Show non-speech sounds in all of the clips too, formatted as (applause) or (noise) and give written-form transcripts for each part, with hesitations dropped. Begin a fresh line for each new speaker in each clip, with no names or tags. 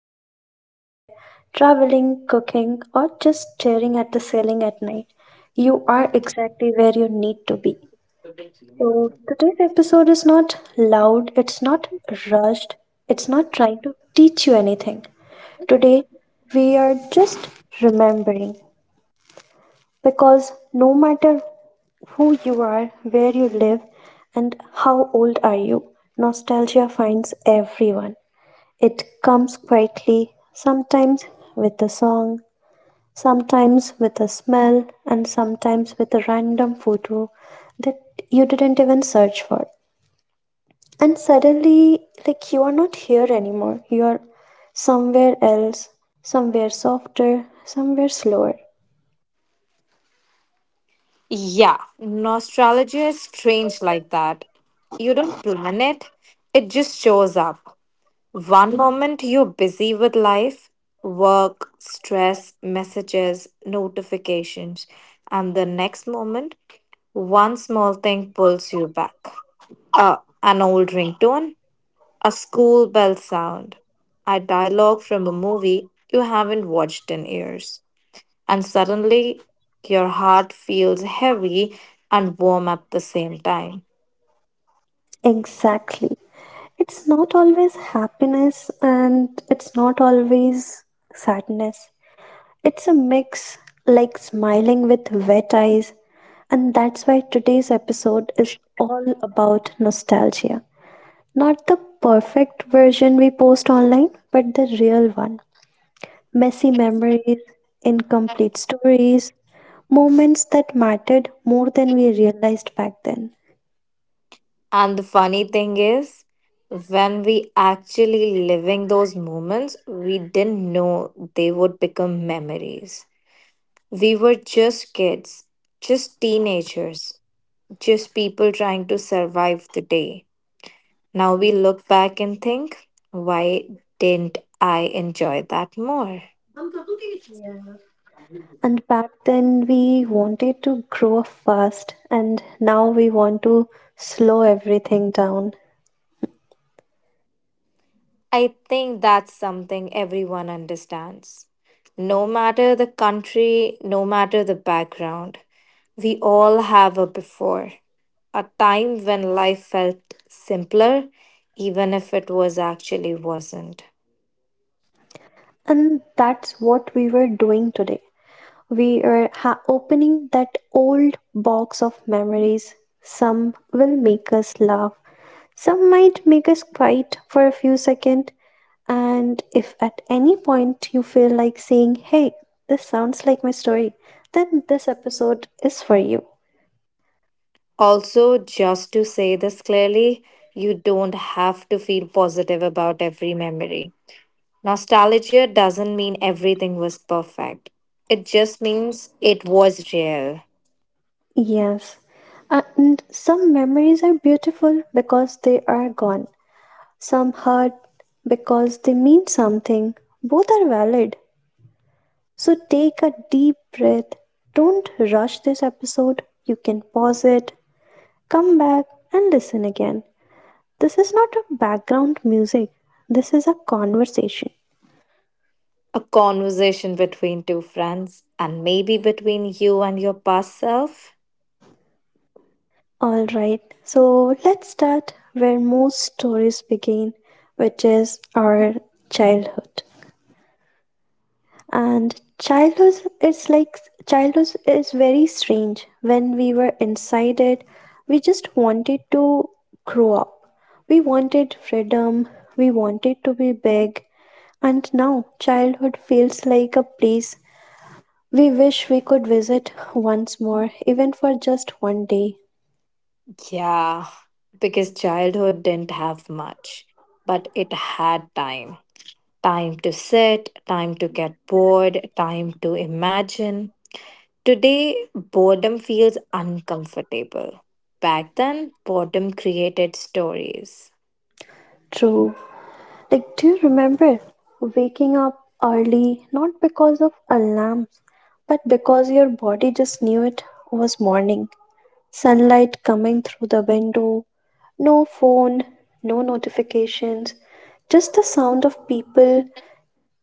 while lying on your bed, traveling, cooking, or just staring at the ceiling at night, you are exactly where you need to be. So, today's episode is not loud, it's not rushed, it's not trying to teach you anything. Today, we are just remembering because no matter who you are, where you live, and how old are you, nostalgia finds everyone. It comes quietly, sometimes with a song, sometimes with a smell, and sometimes with a random photo that you didn't even search for. And suddenly, like you are not here anymore. You are somewhere else, somewhere softer, somewhere slower.
Yeah, nostalgia is strange like that. You don't plan it, it just shows up. One moment you're busy with life, work, stress, messages, notifications, and the next moment, one small thing pulls you back. An old ringtone, a school bell sound, a dialogue from a movie you haven't watched in years, and suddenly your heart feels heavy and warm at the same time.
Exactly. It's not always happiness and it's not always sadness. It's a mix, like smiling with wet eyes. And that's why today's episode is all about nostalgia. Not the perfect version we post online, but the real one. Messy memories, incomplete stories, moments that mattered more than we realized back then.
And the funny thing is, when we actually living those moments, we didn't know they would become memories. We were just kids, just teenagers, just people trying to survive the day. Now we look back and think, why didn't I enjoy that more?
And back then we wanted to grow up fast, and now we want to slow everything down.
I think that's something everyone understands. No matter the country, no matter the background, we all have a before, a time when life felt simpler, even if it was actually wasn't.
And that's what we were doing today. We are opening that old box of memories. Some will make us laugh, some might make us quiet for a few seconds. And if at any point you feel like saying, hey, this sounds like my story, then this episode is for you.
Also, just to say this clearly, you don't have to feel positive about every memory. Nostalgia doesn't mean everything was perfect. It just means it was real.
Yes. And some memories are beautiful because they are gone. Some hurt because they mean something. Both are valid. So take a deep breath. Don't rush this episode. You can pause it, come back, and listen again. This is not a background music, this is a conversation.
A conversation between two friends and maybe between you and your past self.
All right, so let's start where most stories begin, which is our childhood. And childhood it's like childhood is very strange. When we were inside it, we just wanted to grow up. We wanted freedom. We wanted to be big. And now childhood feels like a place we wish we could visit once more, even for just one day.
Yeah, because childhood didn't have much, but it had time. Time to sit, time to get bored, time to imagine. Today, boredom feels uncomfortable. Back then, boredom created stories.
True. Like, do you remember waking up early, not because of alarms, but because your body just knew it was morning? Sunlight coming through the window, no phone, no notifications, just the sound of people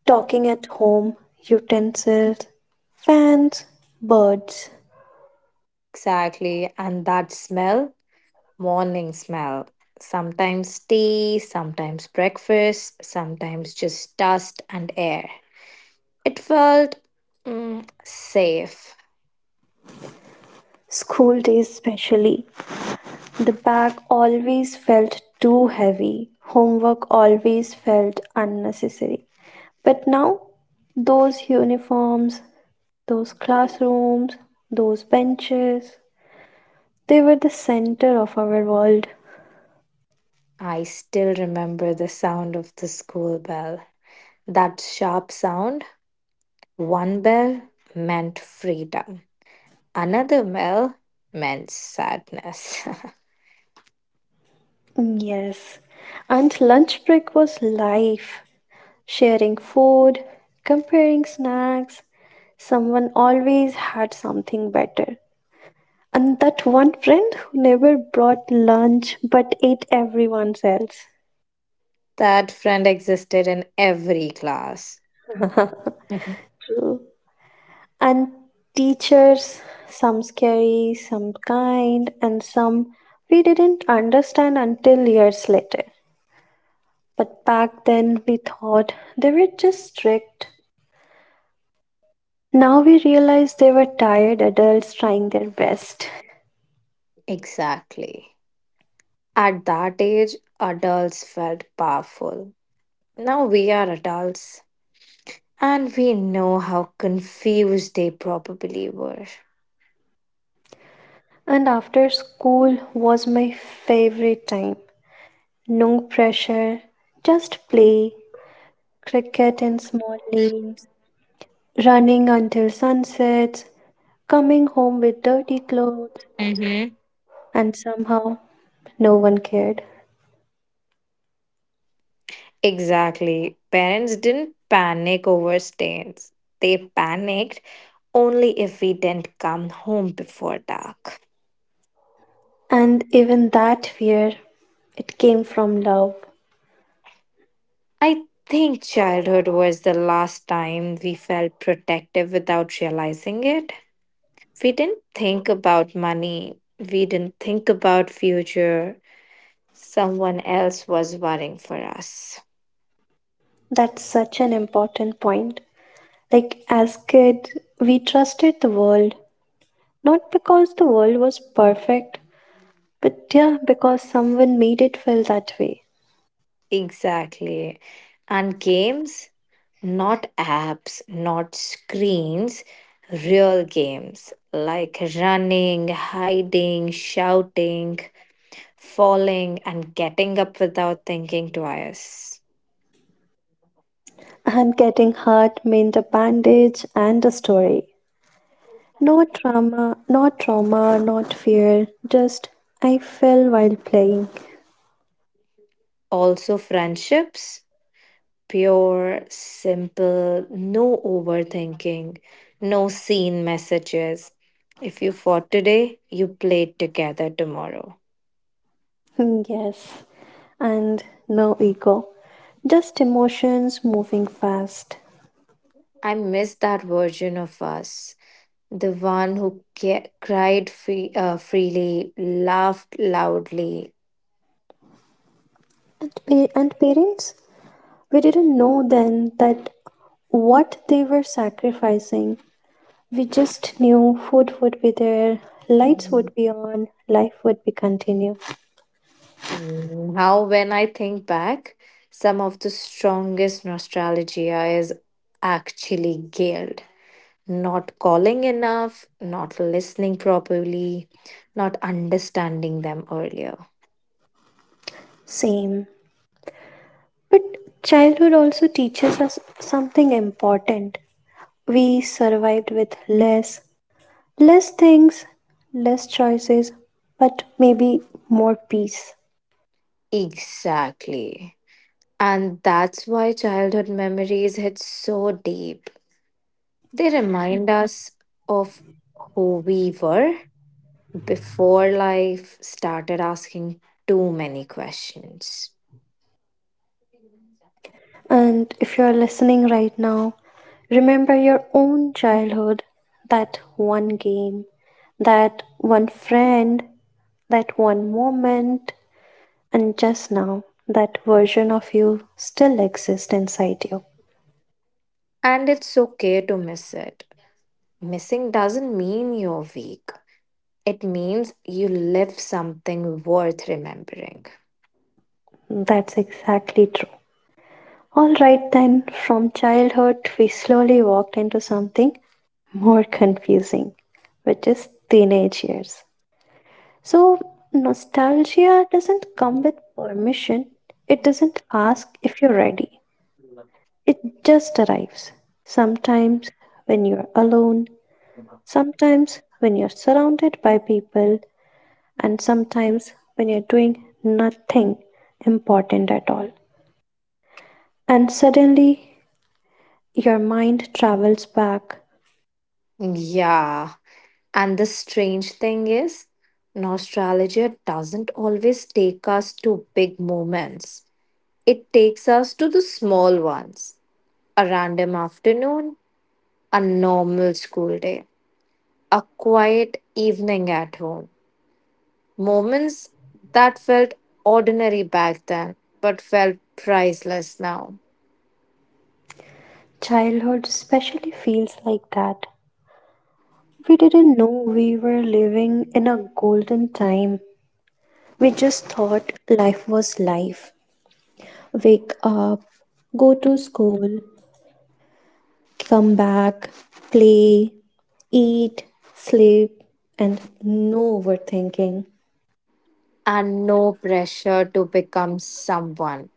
talking at home, utensils, fans, birds.
Exactly, and that smell, morning smell. Sometimes tea, sometimes breakfast, sometimes just dust and air. It felt, safe.
School days, especially. The bag always felt too heavy, homework always felt unnecessary. But now, those uniforms, those classrooms, those benches, they were the center of our world.
I still remember the sound of the school bell. That sharp sound, one bell meant freedom, another bell meant sadness.
Yes, and lunch break was life. Sharing food, comparing snacks, someone always had something better. And that one friend who never brought lunch but ate everyone else.
(laughs) That friend existed in every class. Mhm.
True. And teachers, some scary, some kind, and some we didn't understand until years later. But back then we thought they were just strict. Now we realize they were tired adults trying their best.
Exactly. At that age, adults felt powerful. Now we are adults and we know how confused they probably were.
And after school was my favorite time. No pressure, just play, cricket in small lanes, running until sunset, coming home with dirty clothes,
Mm-hmm.
and somehow no one cared.
Exactly. Parents didn't panic over stains. They panicked only if we didn't come home before dark.
And even that fear, it came from love.
I think childhood was the last time we felt protective without realizing it. We didn't think about money, we didn't think about future. Someone else was worrying for us.
That's such an important point. Like, as kids, we trusted the world, not because the world was perfect, but yeah, because someone made it feel that way.
Exactly. And games, not apps, not screens, real games like running, hiding, shouting, falling, and getting up without thinking twice.
And getting hurt meant a bandage and a story. No trauma, not fear, just I fell while playing.
Also, friendships, pure, simple, no overthinking, no seen messages. If you fought today, you played together tomorrow.
Hmm, yes, and no ego, just emotions moving fast.
I miss that version of us, the one who cried freely, laughed loudly.
And parents, we didn't know then that what they were sacrificing. We just knew food would be there, lights
Mm,
would be on, life would be continue.
Now, when I think back, some of the strongest nostalgia is actually guilt. Not calling enough, not listening properly, not understanding them earlier.
Same. But childhood also teaches us something important. We survived with less, less things, less choices, but maybe more peace.
Exactly. And that's why childhood memories hit so deep. They remind us of who we were before life started asking too many questions.
And if you're listening right now, remember your own childhood, that one game, that one friend, that one moment. And just now, that version of you still exists inside you.
And it's okay to miss it. Missing doesn't mean you're weak, it means you lived something worth remembering.
That's exactly true. All right, then, from childhood, we slowly walked into something more confusing, which is teenage years. So, nostalgia doesn't come with permission, it doesn't ask if you're ready, it just arrives. Sometimes when you're alone, sometimes when you're surrounded by people and sometimes when you're doing nothing important at all. And suddenly your mind travels back.
Yeah. And the strange thing is, nostalgia doesn't always take us to big moments, it takes us to the small ones. A random afternoon, a normal school day, a quiet evening at home. Moments that felt ordinary back then, but felt priceless now.
Childhood especially feels like that. We didn't know we were living in a golden time. We just thought life was life. Wake up, go to school, come back, play, eat, sleep, and no overthinking.
And no pressure to become someone.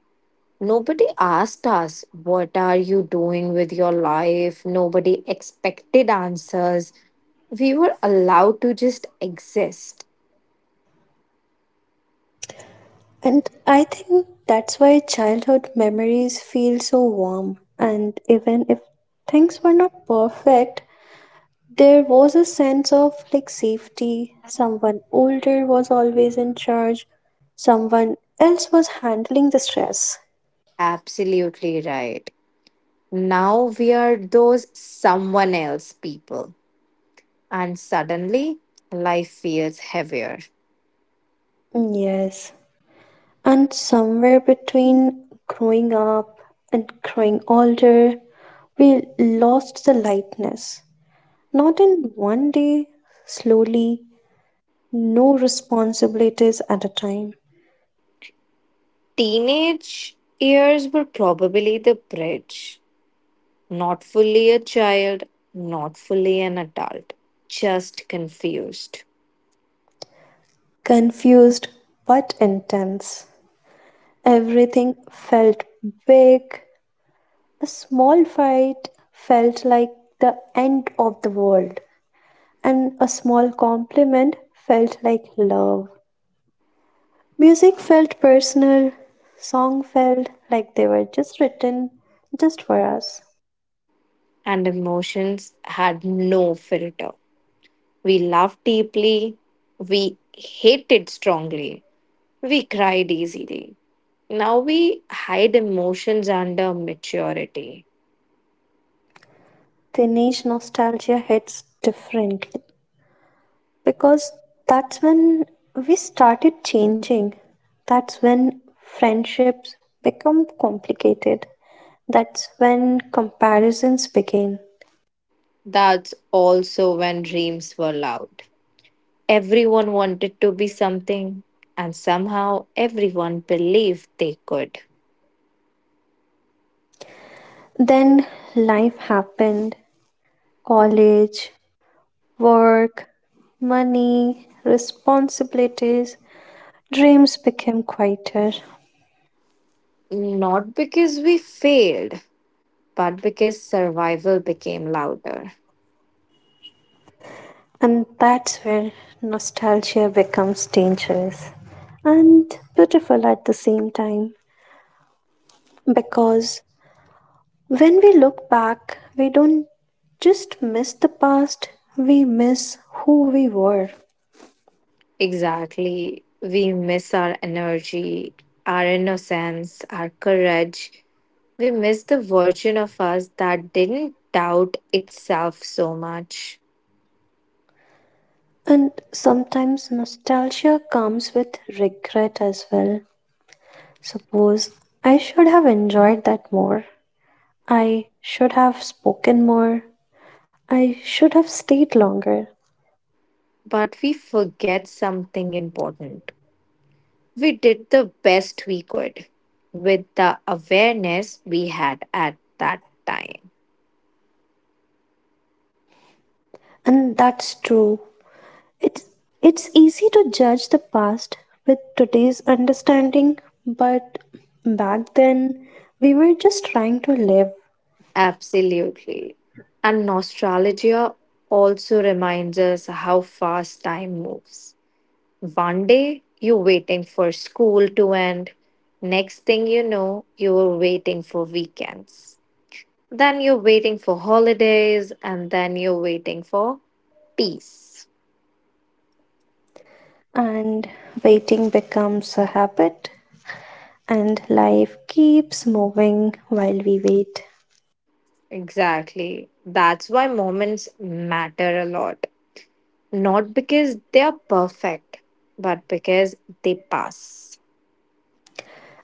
Nobody asked us, "What are you doing with your life?" Nobody expected answers. We were allowed to just exist.
And I think that's why childhood memories feel so warm. And even if things were not perfect, there was a sense of like safety. Someone older was always in charge, someone else was handling the stress.
Absolutely right. Now we are those someone else people. And suddenly, life feels heavier.
Mm, yes. And somewhere between growing up and growing older, we lost the lightness. Not in one day, slowly, no responsibilities at a time.
Teenage years were probably the bridge. Not fully a child, not fully an adult, just confused.
Confused but intense. Everything felt big. A small fight felt like the end of the world, and a small compliment felt like love. Music felt personal. Song felt like they were just written just for us.
And emotions had no filter. We loved deeply, we hated strongly, we cried easily. Now we hide emotions under maturity.
Dinesh nostalgia hits differently, because that's when we started changing. That's when friendships become complicated. That's when comparisons begin.
That's also when dreams were loud. Everyone wanted to be something, and somehow everyone believed they could.
Then life happened, college, work, money, responsibilities, dreams became quieter.
Not because we failed, but because survival became louder.
And that's where nostalgia becomes dangerous and beautiful at the same time because when we look back, we don't just miss the past, we miss who we were.
Exactly. We miss our energy, our innocence, our courage. We miss the version of us that didn't doubt itself so much.
And sometimes nostalgia comes with regret as well. Suppose I should have enjoyed that more. I should have spoken more. I should have stayed longer.
But we forget something important. We did the best we could with the awareness we had at that time.
And that's true. It's it's easy to judge the past with today's understanding, but back then we were just trying to live.
Absolutely. And nostalgia also reminds us how fast time moves. One day, you're waiting for school to end. Next thing you know, you're waiting for weekends. Then you're waiting for holidays, and then you're waiting for peace.
And waiting becomes a habit, and life keeps moving while we wait.
Exactly. That's why moments matter a lot. Not because they are perfect, but because they pass.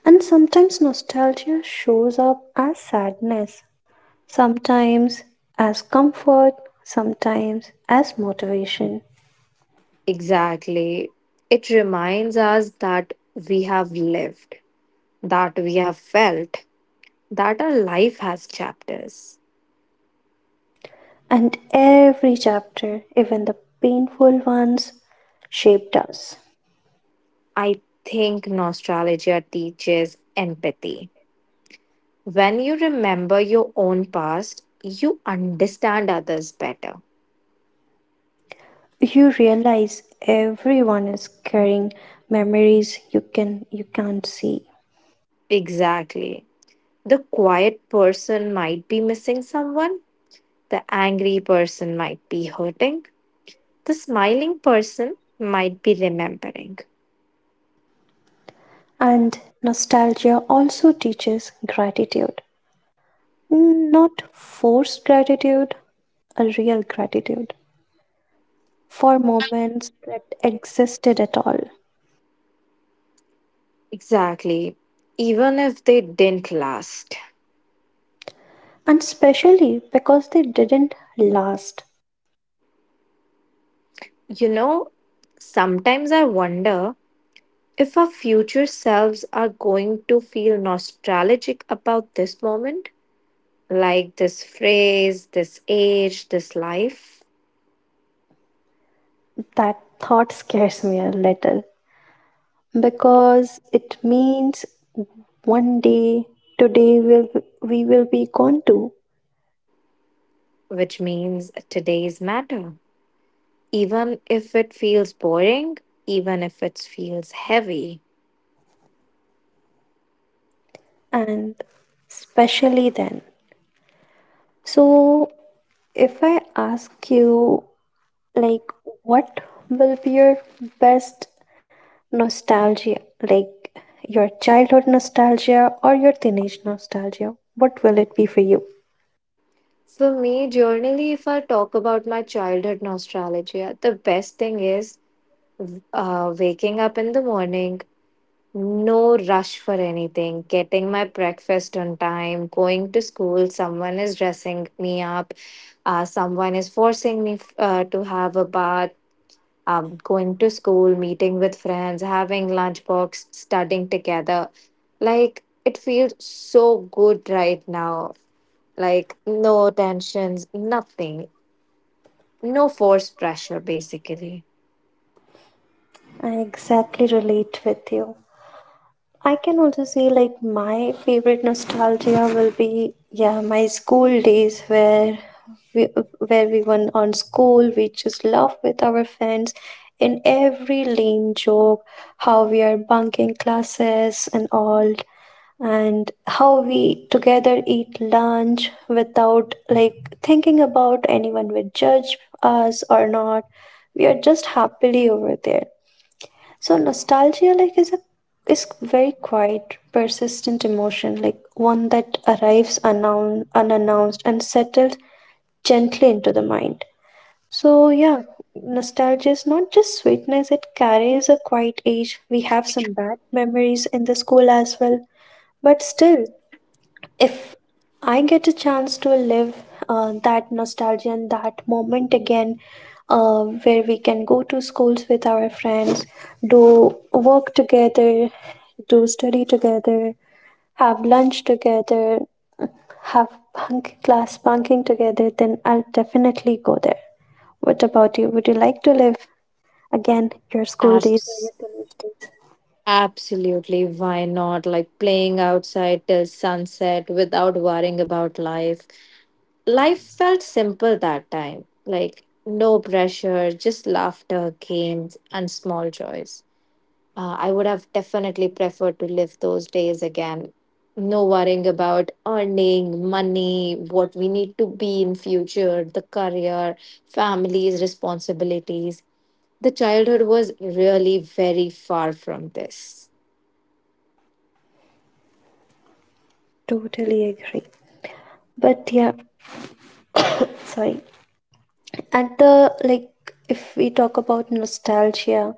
And sometimes nostalgia shows up as sadness, sometimes as comfort, sometimes as motivation.
Exactly. It reminds us that we have lived, that we have felt, that our life has chapters.
And every chapter, even the painful ones, shaped us.
I think nostalgia teaches empathy. When you remember your own past, you understand others better.
You realize everyone is carrying memories you can't see.
Exactly. The quiet person might be missing someone, the angry person might be hurting, the smiling person might be remembering.
And nostalgia also teaches gratitude. Not forced gratitude, a real gratitude for moments that existed at all.
Exactly. Even if they didn't last.
And especially because they didn't last.
You know, sometimes I wonder if our future selves are going to feel nostalgic about this moment, like this phrase, this age, this life,
That thought scares me a little because it means one day, today, will we will be gone too.
which means today's matter. Even if it feels boring, even if it feels heavy.
And especially then. So, if I ask you like what will be your best nostalgia, like your childhood nostalgia or your teenage nostalgia, what will it be for you?
For me, generally, if I talk about my childhood nostalgia, the best thing is waking up in the morning, no rush for anything, getting my breakfast on time, going to school, someone is dressing me up, someone is forcing me to have a bath, going to school, meeting with friends, having lunchbox, studying together. Like, it feels so good right now. Like, no tensions, nothing, no forced pressure, basically.
I exactly relate with you. I can also say like my favorite nostalgia will be, yeah, my school days, where we went on school, we just laugh with our friends in every lame joke, how we are bunking classes and all, and how we together eat lunch without like thinking about anyone would judge us or not, we are just happily over there. So nostalgia, like, is a is very quiet, persistent emotion, like one that arrives unknown, unannounced and settles gently into the mind. So yeah, nostalgia is not just sweetness, it carries a quiet age. We have some bad memories in the school as well, but still if I get a chance to live that nostalgia and that moment again, where we can go to schools with our friends, do work together, do study together, have lunch together, have bunk class bunking together, then I'll definitely go there. What about you? Would you like to live again your school days or your
Abs-
college days?
absolutely. Why not? Like playing outside till sunset without worrying about life. Life felt simple that time. Like no pressure, just laughter, games, and small joys. I would have definitely preferred to live those days again. No worrying about earning money, what we need to be in future, the career, families, responsibilities. The childhood was really very far from this.
Totally agree. But yeah, sorry. At the like if we talk about nostalgia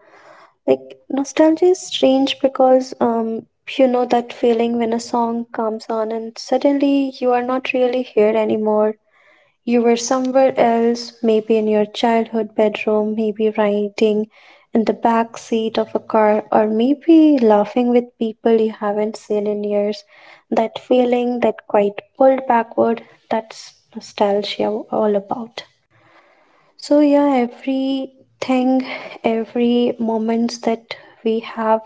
like nostalgia is strange because you know that feeling when a song comes on and suddenly you are not really here anymore, you were somewhere else, maybe in your childhood bedroom, maybe riding in the back seat of a car, or maybe laughing with people you haven't seen in years. That feeling, that quite pulled backward, that's nostalgia all about. So yeah, everything, every moments that we have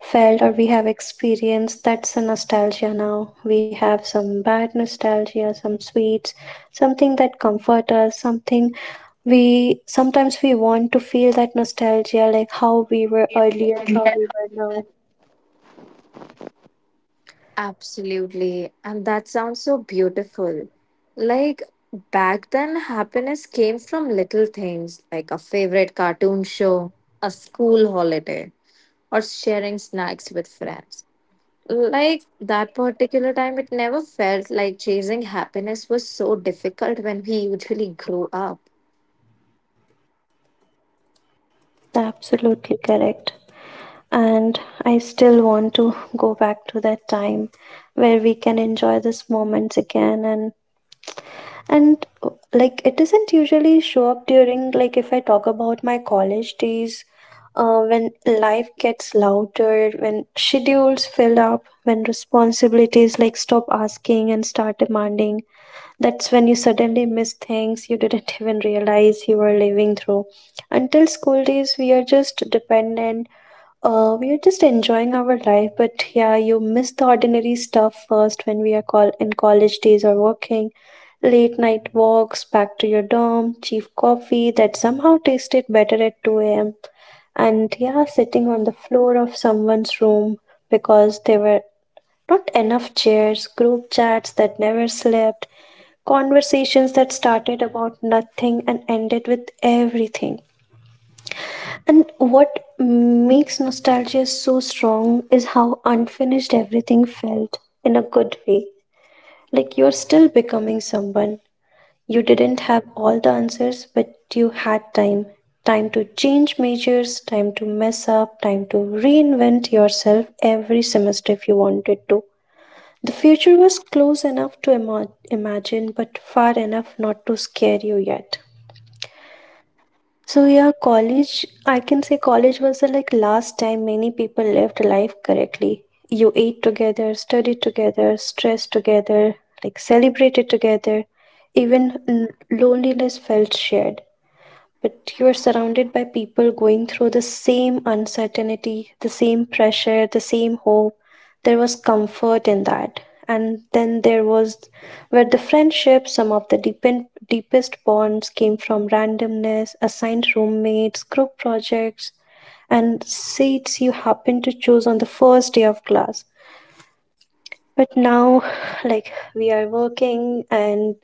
felt or we have experienced, that's a nostalgia now. We have some bad nostalgia, some sweets, something that comfort us, something we sometimes we want to feel that nostalgia, like how we were earlier, how we were now.
Absolutely. And that sounds so beautiful. Like back then, happiness came from little things like a favorite cartoon show, a school holiday, or sharing snacks with friends. Like that particular time, it never felt like chasing happiness was so difficult when we usually grew up.
Absolutely correct. And I still want to go back to that time where we can enjoy these moments again and like it doesn't usually show up during, like, if I talk about my college days, when life gets louder, when schedules fill up, when responsibilities like stop asking and start demanding, that's when you suddenly miss things you didn't (laughs) even realize you were living through. Until school days we are just dependent, we are just enjoying our life, but yeah, you miss the ordinary stuff first when we are call in college days or working. Late night walks back to your dorm, cheap coffee that somehow tasted better at 2 a.m. And yeah, sitting on the floor of someone's room because there were not enough chairs, group chats that never slept, conversations that started about nothing and ended with everything. And what makes nostalgia so strong is how unfinished everything felt, in a good way. Like you're still becoming someone. You didn't have all the answers, but you had time. Time to change majors, time to mess up, time to reinvent yourself every semester if you wanted to. The future was close enough to imagine, but far enough not to scare you yet. So yeah, college, I can say college was the like last time many people lived life correctly. You ate together, studied together, stressed together, like celebrated together. Even loneliness felt shared, but you are surrounded by people going through the same uncertainty, the same pressure, the same hope. There was comfort in that. And then there was where the friendship, some of the deepest bonds came from randomness, assigned roommates, group projects, and seats you happen to choose on the first day of class. But now, like, we are working and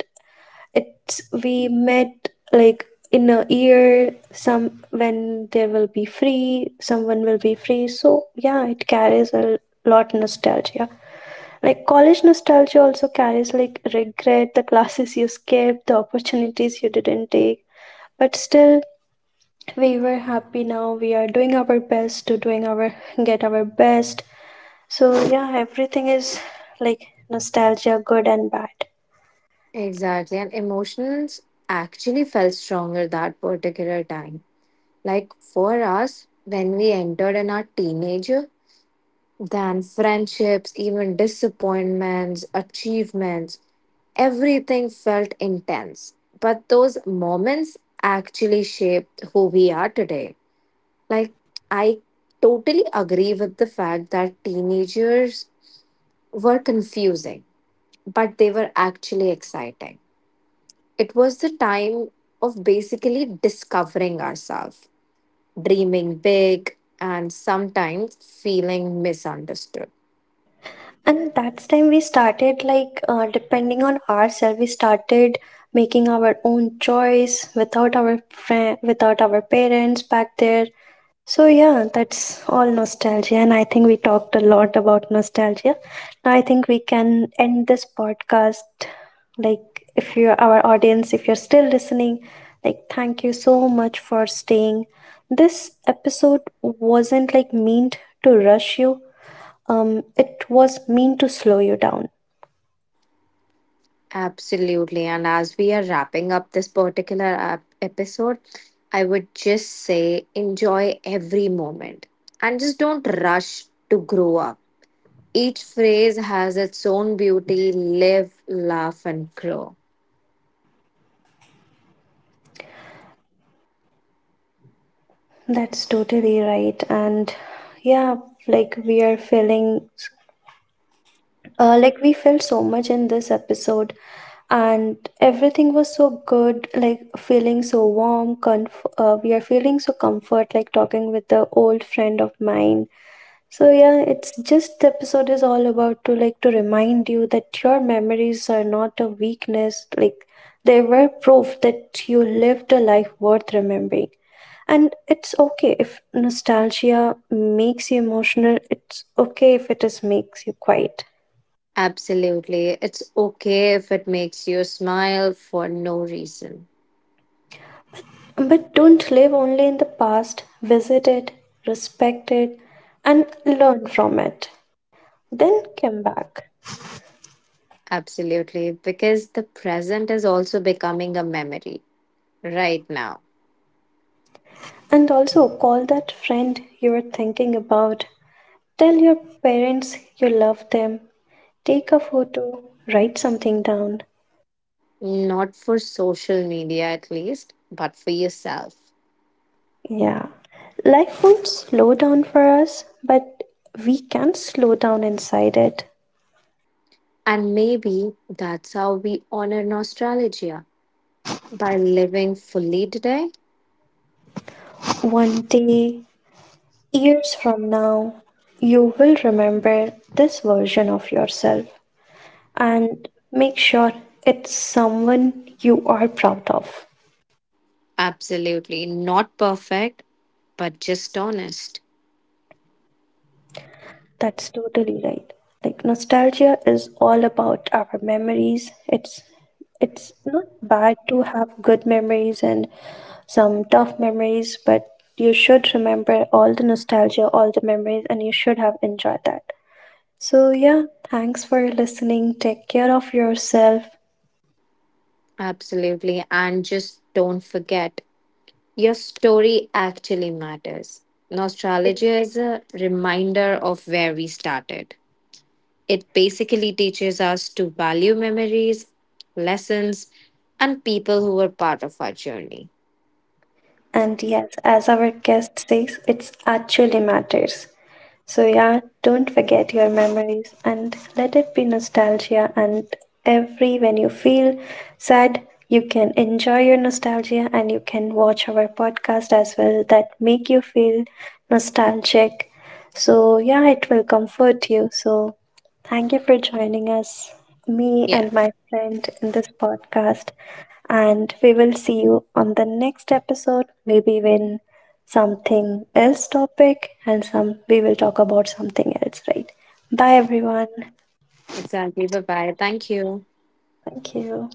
it's we met like in a year some when there will be free, someone will be free. So yeah, it carries a lot nostalgia, like college nostalgia also carries like regret, the classes you skipped, the opportunities you didn't take, but still we were happy. Now we are doing our best to doing our, get our best. So yeah, everything is like nostalgia, good and bad.
Exactly. And emotions actually felt stronger that particular time. Like for us, when we entered in our teenager, then friendships, even disappointments, achievements, everything felt intense. But those moments actually shaped who we are today. Like, I totally agree with the fact that teenagers were confusing, but they were actually exciting. It was the time of basically discovering ourselves, dreaming big, and sometimes feeling misunderstood.
And that's time we started like depending on ourselves. We started making our own choice without our friend, without our parents back there. So yeah, that's all nostalgia, and I think we talked a lot about nostalgia. Now I think we can end this podcast. Like, if you're our audience, if you're still listening, like, thank you so much for staying. This episode wasn't like meant to rush you. It was meant to slow you down.
Absolutely. And as we are wrapping up this particular episode, I would just say enjoy every moment and just don't rush to grow up. Each phrase has its own beauty. Live, laugh, and grow.
That's totally right. And yeah, like we are feeling, like we felt so much in this episode, and everything was so good. Like feeling so warm, we are feeling so comfort, like talking with the old friend of mine. So yeah, it's just the episode is all about to like to remind you that your memories are not a weakness, like they were proof that you lived a life worth remembering. And it's okay if nostalgia makes you emotional, it's okay if it is makes you quiet.
Absolutely. It's okay if it makes you smile for no reason.
But don't live only in the past, visit it, respect it, and learn from it. Then come back.
Absolutely. Because the present is also becoming a memory right now.
And also call that friend you are thinking about. Tell your parents you love them. Take a photo. Write something down.
Not for social media, at least, but for yourself.
Yeah. Life won't slow down for us, but we can slow down inside it.
And maybe that's how we honor nostalgia by living fully today.
One day, years from now, you will remember this version of yourself and make sure it's someone you are proud of.
Absolutely. Not perfect, but just honest.
That's totally right. Like nostalgia is all about our memories. It's not bad to have good memories and some tough memories, but you should remember all the nostalgia, all the memories, and you should have enjoyed that. So yeah, thanks for listening. Take care of yourself.
Absolutely. And just don't forget, your story actually matters. Nostalgia is a reminder of where we started. It basically teaches us to value memories, lessons, and people who were part of our journey.
And yes, as our guest says, it's actually matters. So, yeah, don't forget your memories and let it be nostalgia. And every when you feel sad, you can enjoy your nostalgia and you can watch our podcast as well that make you feel nostalgic. So, yeah, it will comfort you. So, thank you for joining us, me
Yeah,
and my friend, in this podcast. And we will see you on the next episode, maybe when something else topic and some we will talk about something else, right? Bye everyone.
exactly. Bye bye. Thank you.
Thank you.